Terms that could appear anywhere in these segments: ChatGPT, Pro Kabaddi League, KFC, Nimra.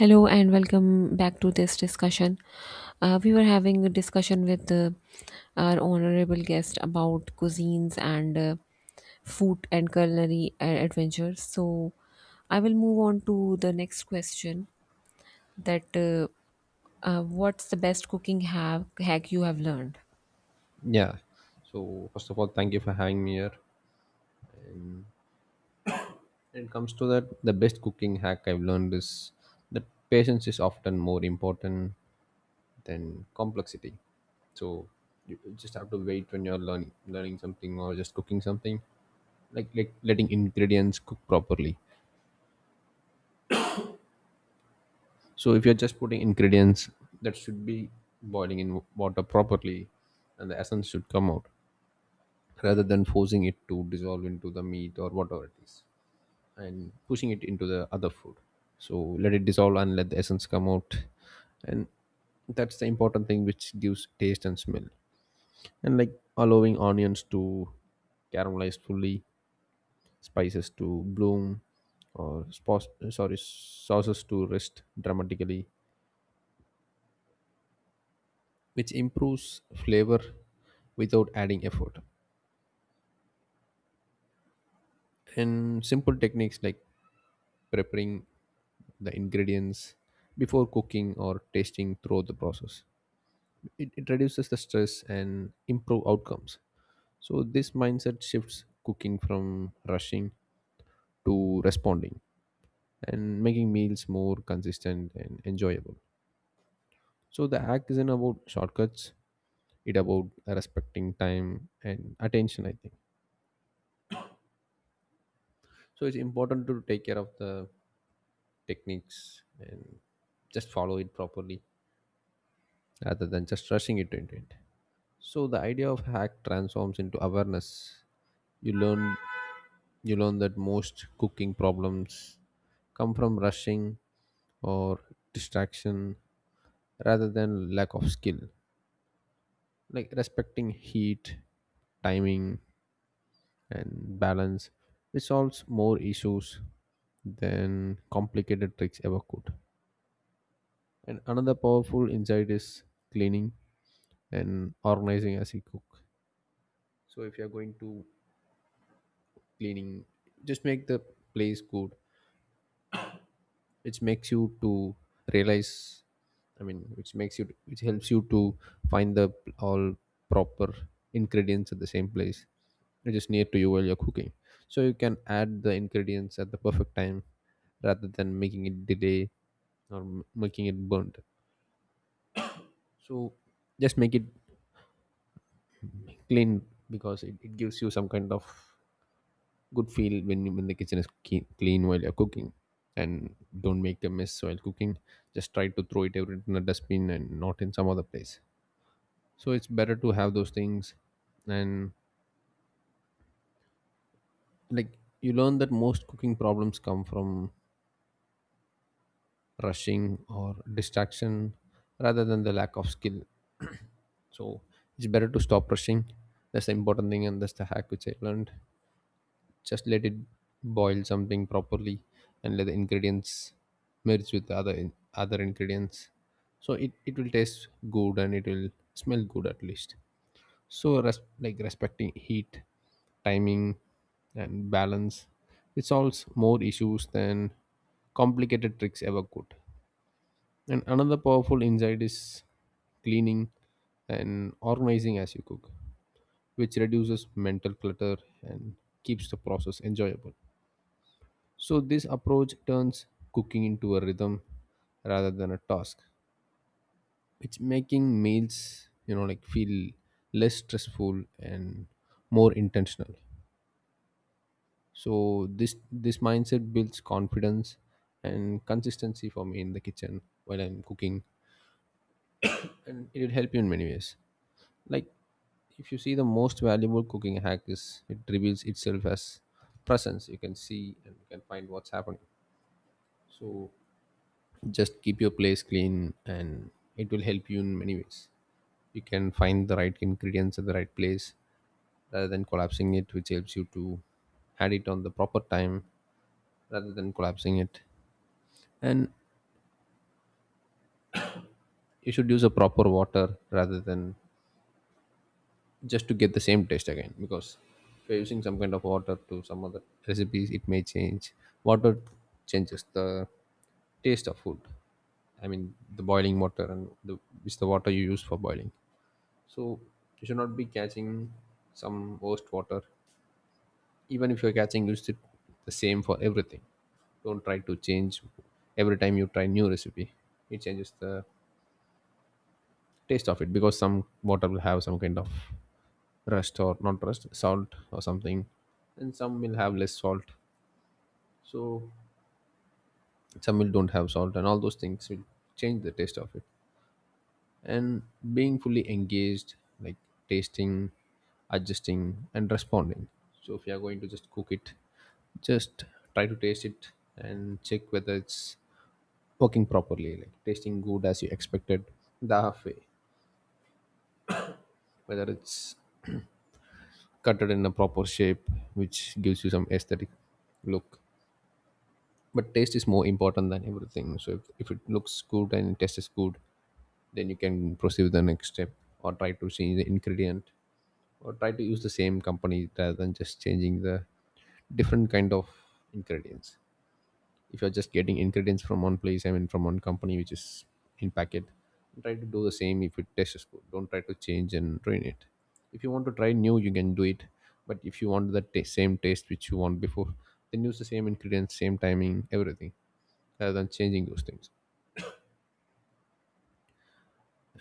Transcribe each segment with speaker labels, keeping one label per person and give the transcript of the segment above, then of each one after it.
Speaker 1: Hello and welcome back to this discussion. We were having a discussion with our honorable guest about cuisines and food and culinary adventures. So I will move on to the next question that what's the best cooking hack you have learned?
Speaker 2: Yeah. So first of all, thank you for having me here. When it comes to that, the best cooking hack I've learned is that patience is often more important than complexity. So you just have to wait when you're learning something or just cooking something, like letting ingredients cook properly. So if you're just putting ingredients that should be boiling in water properly, and the essence should come out rather than forcing it to dissolve into the meat or whatever it is, and pushing it into the other food. So let it dissolve and let the essence come out, and that's the important thing which gives taste and smell, and like allowing onions to caramelize fully, spices to bloom, or spos- sorry sauces to rest dramatically, which improves flavor without adding effort. And simple techniques like preparing the ingredients before cooking or tasting throughout the process, it reduces the stress and improve outcomes. So this mindset shifts cooking from rushing to responding, and making meals more consistent and enjoyable. So the hack isn't about shortcuts, it about respecting time and attention, I think. So it's important to take care of the techniques and just follow it properly rather than just rushing it into it. So the idea of hack transforms into awareness. You learn you learn that most cooking problems come from rushing or distraction rather than lack of skill. Like respecting heat, timing and balance, which solves more issues than complicated tricks ever could. And another powerful insight is cleaning and organizing as you cook. So if you're going to cleaning, just make the place good, which makes you to realize, which makes you, which helps you to find the all proper ingredients at the same place. It is near to you while you're cooking, so you can add the ingredients at the perfect time rather than making it delay or making it burnt. So just make it clean, because it gives you some kind of good feel when when the kitchen is clean while you're cooking. And don't make a mess while cooking, just try to throw it every in a dustbin and not in some other place. So it's better to have those things. And like, you learn that most cooking problems come from rushing or distraction rather than the lack of skill. So it's better to stop rushing. That's the important thing, and that's the hack which I learned. Just let it boil something properly and let the ingredients merge with the other ingredients. So it will taste good and it will smell good at least. So like respecting heat, timing and balance, it solves more issues than complicated tricks ever could. And another powerful insight is cleaning and organizing as you cook, which reduces mental clutter and keeps the process enjoyable. So, this approach turns cooking into a rhythm rather than a task. It's making meals, you know, like feel less stressful and more intentional. So, this mindset builds confidence and consistency for me in the kitchen while I'm cooking, and it will help you in many ways. Like if you see, the most valuable cooking hack is it reveals itself as presence. You can see and you can find what's happening. So just keep your place clean and it will help you in many ways. You can find the right ingredients at the right place rather than collapsing it, which helps you to add it on the proper time rather than collapsing it. And you should use a proper water rather than just to get the same taste again, because if you're using some kind of water to some other recipes, it may change. Water changes the taste of food, I mean the boiling water, and the, it's the water you use for boiling. So you should not be catching some worst water. Even if you're catching, use it the same for everything. Don't try to change every time you try new recipe. It changes the taste of it, because some water will have some kind of rust or not rust, salt or something, and some will have less salt. So some will don't have salt, and all those things will change the taste of it. And being fully engaged, like tasting, adjusting and responding. So if you are going to just cook it, just try to taste it and check whether it's working properly, like tasting good as you expected, the halfway, whether it's cutted in a proper shape which gives you some aesthetic look. But taste is more important than everything, so if it looks good and taste is good, then you can proceed with the next step, or try to change the ingredient, or try to use the same company rather than just changing the different kind of ingredients. If you're just getting ingredients from one place, I mean from one company, which is in packet, try to do the same. If it tastes good, don't try to change and ruin it. If you want to try new, you can do it. But if you want the same taste which you want before, then use the same ingredients, same timing, everything, rather than changing those things.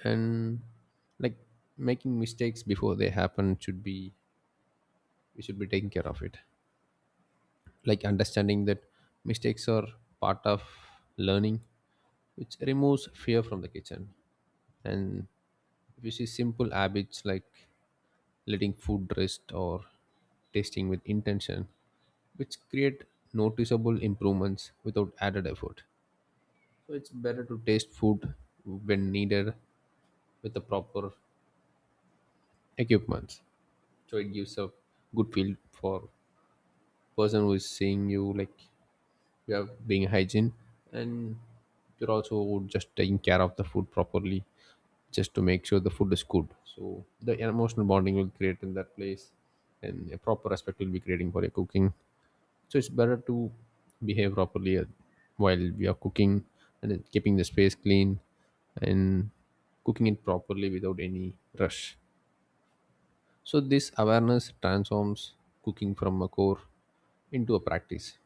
Speaker 2: And like, making mistakes before they happen should be, we should be taking care of it. Like understanding that mistakes are part of learning, which removes fear from the kitchen. And if you see, simple habits like letting food rest or tasting with intention, which create noticeable improvements without added effort. So it's better to taste food when needed with the proper equipment, so it gives a good feel for person who is seeing you, like are being hygiene, and you're also just taking care of the food properly, just to make sure the food is good, so the emotional bonding will create in that place, and a proper respect will be creating for your cooking. So it's better to behave properly while we are cooking, and then keeping the space clean and cooking it properly without any rush. So this awareness transforms cooking from a core into a practice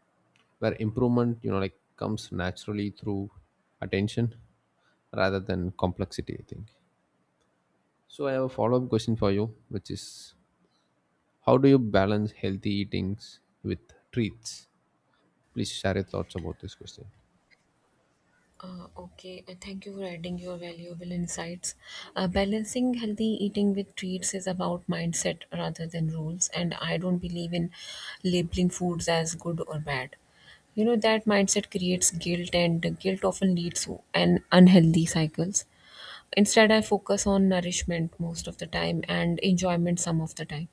Speaker 2: where improvement, you know, like comes naturally through attention rather than complexity, I think. So I have a follow-up question for you, which is how do you balance healthy eatings with treats? Please share your thoughts about this question.
Speaker 1: Okay, thank you for adding your valuable insights. Balancing healthy eating with treats is about mindset rather than rules, and I don't believe in labeling foods as good or bad. You know, that mindset creates guilt, and guilt often leads to an unhealthy cycles. Instead, I focus on nourishment most of the time and enjoyment some of the time.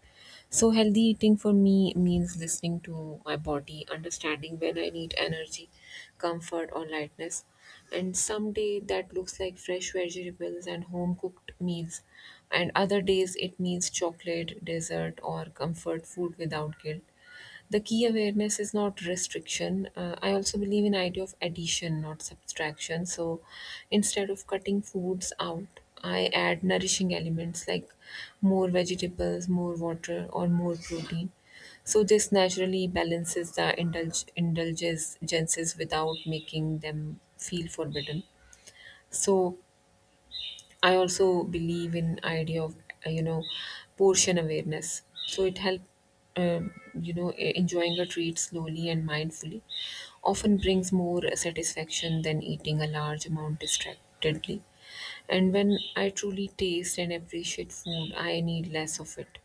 Speaker 1: So, healthy eating for me means listening to my body, understanding when I need energy, comfort, or lightness. And some day that looks like fresh vegetables and home cooked meals. And other days it means chocolate, dessert, or comfort food without guilt. The key awareness is not restriction. I also believe in idea of addition, not subtraction. So instead of cutting foods out, I add nourishing elements like more vegetables, more water, or more protein. So this naturally balances the indulgences without making them feel forbidden. So I also believe in idea of you know, portion awareness. So it help uh, you know, enjoying a treat slowly and mindfully often brings more satisfaction than eating a large amount distractedly. And when I truly taste and appreciate food, I need less of it.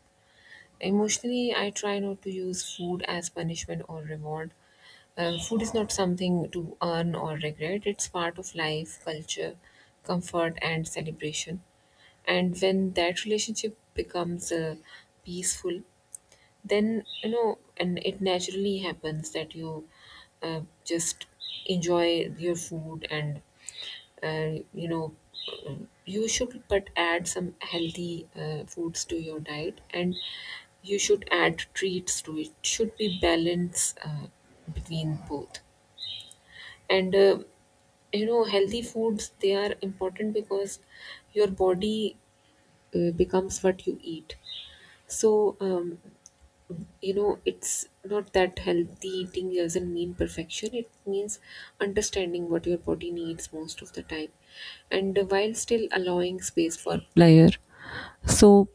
Speaker 1: Emotionally, I try not to use food as punishment or reward. Food is not something to earn or regret. It's part of life, culture, comfort, and celebration. And when that relationship becomes peaceful, then you know, and it naturally happens that you just enjoy your food. And uh, you know uh, you should but add some healthy foods to your diet, and you should add treats to It should be balance between both. And you know, healthy foods, they are important because your body becomes what you eat. So, you know, it's not that healthy eating doesn't mean perfection. It means understanding what your body needs most of the time, and while still allowing space for pleasure. So,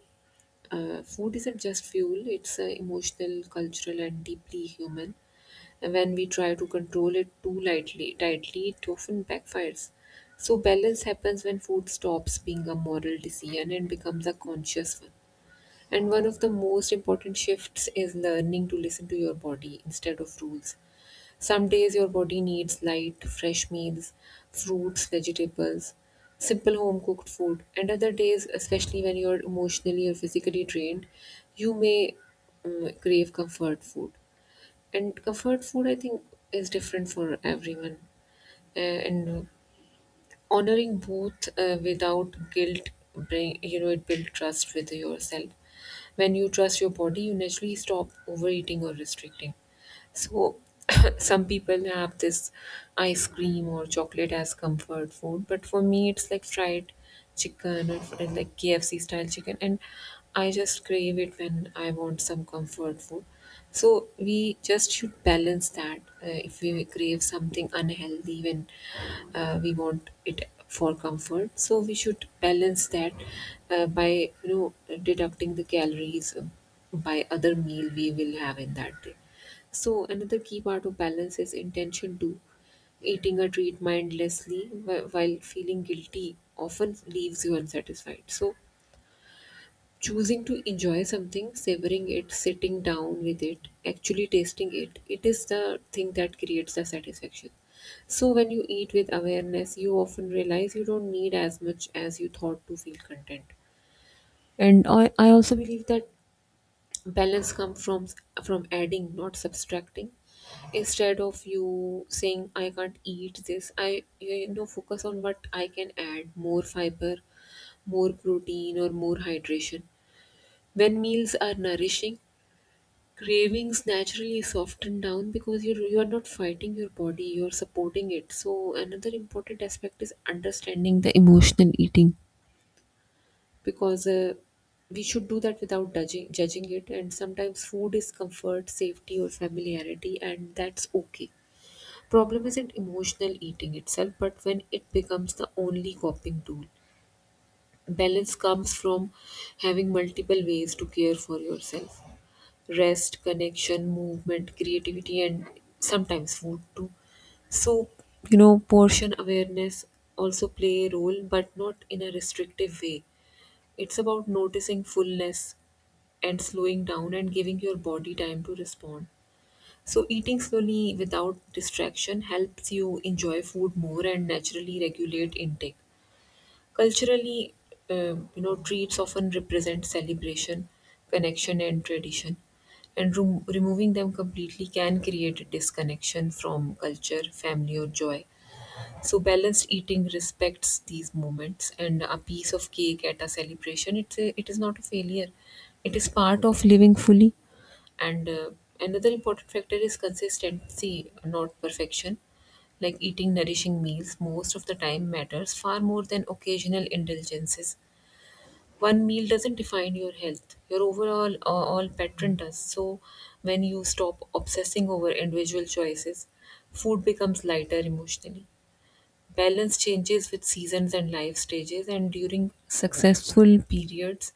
Speaker 1: food isn't just fuel; it's emotional, cultural, and deeply human. And when we try to control it too tightly, it often backfires. So, balance happens when food stops being a moral decision and becomes a conscious one. And one of the most important shifts is learning to listen to your body instead of rules. Some days your body needs light, fresh meals, fruits, vegetables, simple home cooked food. And other days, especially when you're emotionally or physically drained, you may crave comfort food. And comfort food, I think, is different for everyone. And honoring both without guilt bring you know it builds trust with yourself. When you trust your body, you naturally stop overeating or restricting. So, some people have this ice cream or chocolate as comfort food, but for me, it's like fried chicken or like KFC style chicken, and I just crave it when I want some comfort food. So, we just should balance that. If we crave something unhealthy when we want it for comfort, so we should balance that by you know, deducting the calories by other meal we will have in that day. So, another key part of balance is intention too. Eating a treat mindlessly while feeling guilty often leaves you unsatisfied. So, choosing to enjoy something, savoring it, sitting down with it, actually tasting it, it is the thing that creates the satisfaction. So, when you eat with awareness, you often realize you don't need as much as you thought to feel content. And I also believe that balance come from adding, not subtracting. Instead of you saying I can't eat this, I you know, focus on what I can add: more fiber, more protein, or more hydration. When meals are nourishing, cravings naturally soften down, because you are not fighting your body, you're supporting it. So another important aspect is understanding the emotional eating, because we should do that without judging it. And sometimes food is comfort, safety, or familiarity, and that's okay. Problem isn't emotional eating itself, but when it becomes the only coping tool. Balance comes from having multiple ways to care for yourself: rest, connection, movement, creativity, and sometimes food too. So, you know, portion awareness also play a role, but not in a restrictive way. It's about noticing fullness and slowing down and giving your body time to respond. So, eating slowly without distraction helps you enjoy food more and naturally regulate intake. Culturally, you know, treats often represent celebration, connection, and tradition, and removing them completely can create a disconnection from culture, family, or joy. So balanced eating respects these moments, and a piece of cake at a celebration, it is not a failure. It is part of living fully. And another important factor is consistency, not perfection. Like eating nourishing meals most of the time matters far more than occasional indulgences. One meal doesn't define your health. Your overall all pattern does. So when you stop obsessing over individual choices, food becomes lighter emotionally. Balance changes with seasons and life stages, and during successful periods,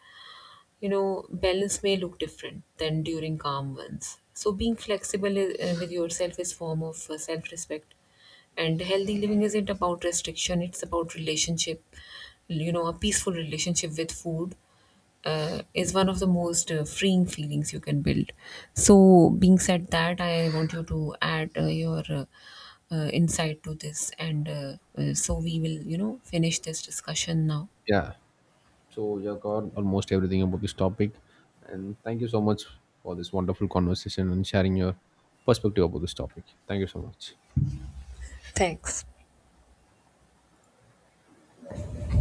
Speaker 1: you know, balance may look different than during calm ones. So being flexible with yourself is form of self-respect. And healthy living isn't about restriction, it's about relationship. You know, a peaceful relationship with food is one of the most freeing feelings you can build. So being said that, I want you to add your insight to this, and so we will, you know, finish this discussion now.
Speaker 2: Yeah. So you have covered almost everything about this topic. And thank you so much for this wonderful conversation and sharing your perspective about this topic. Thank you so much.
Speaker 1: Thanks.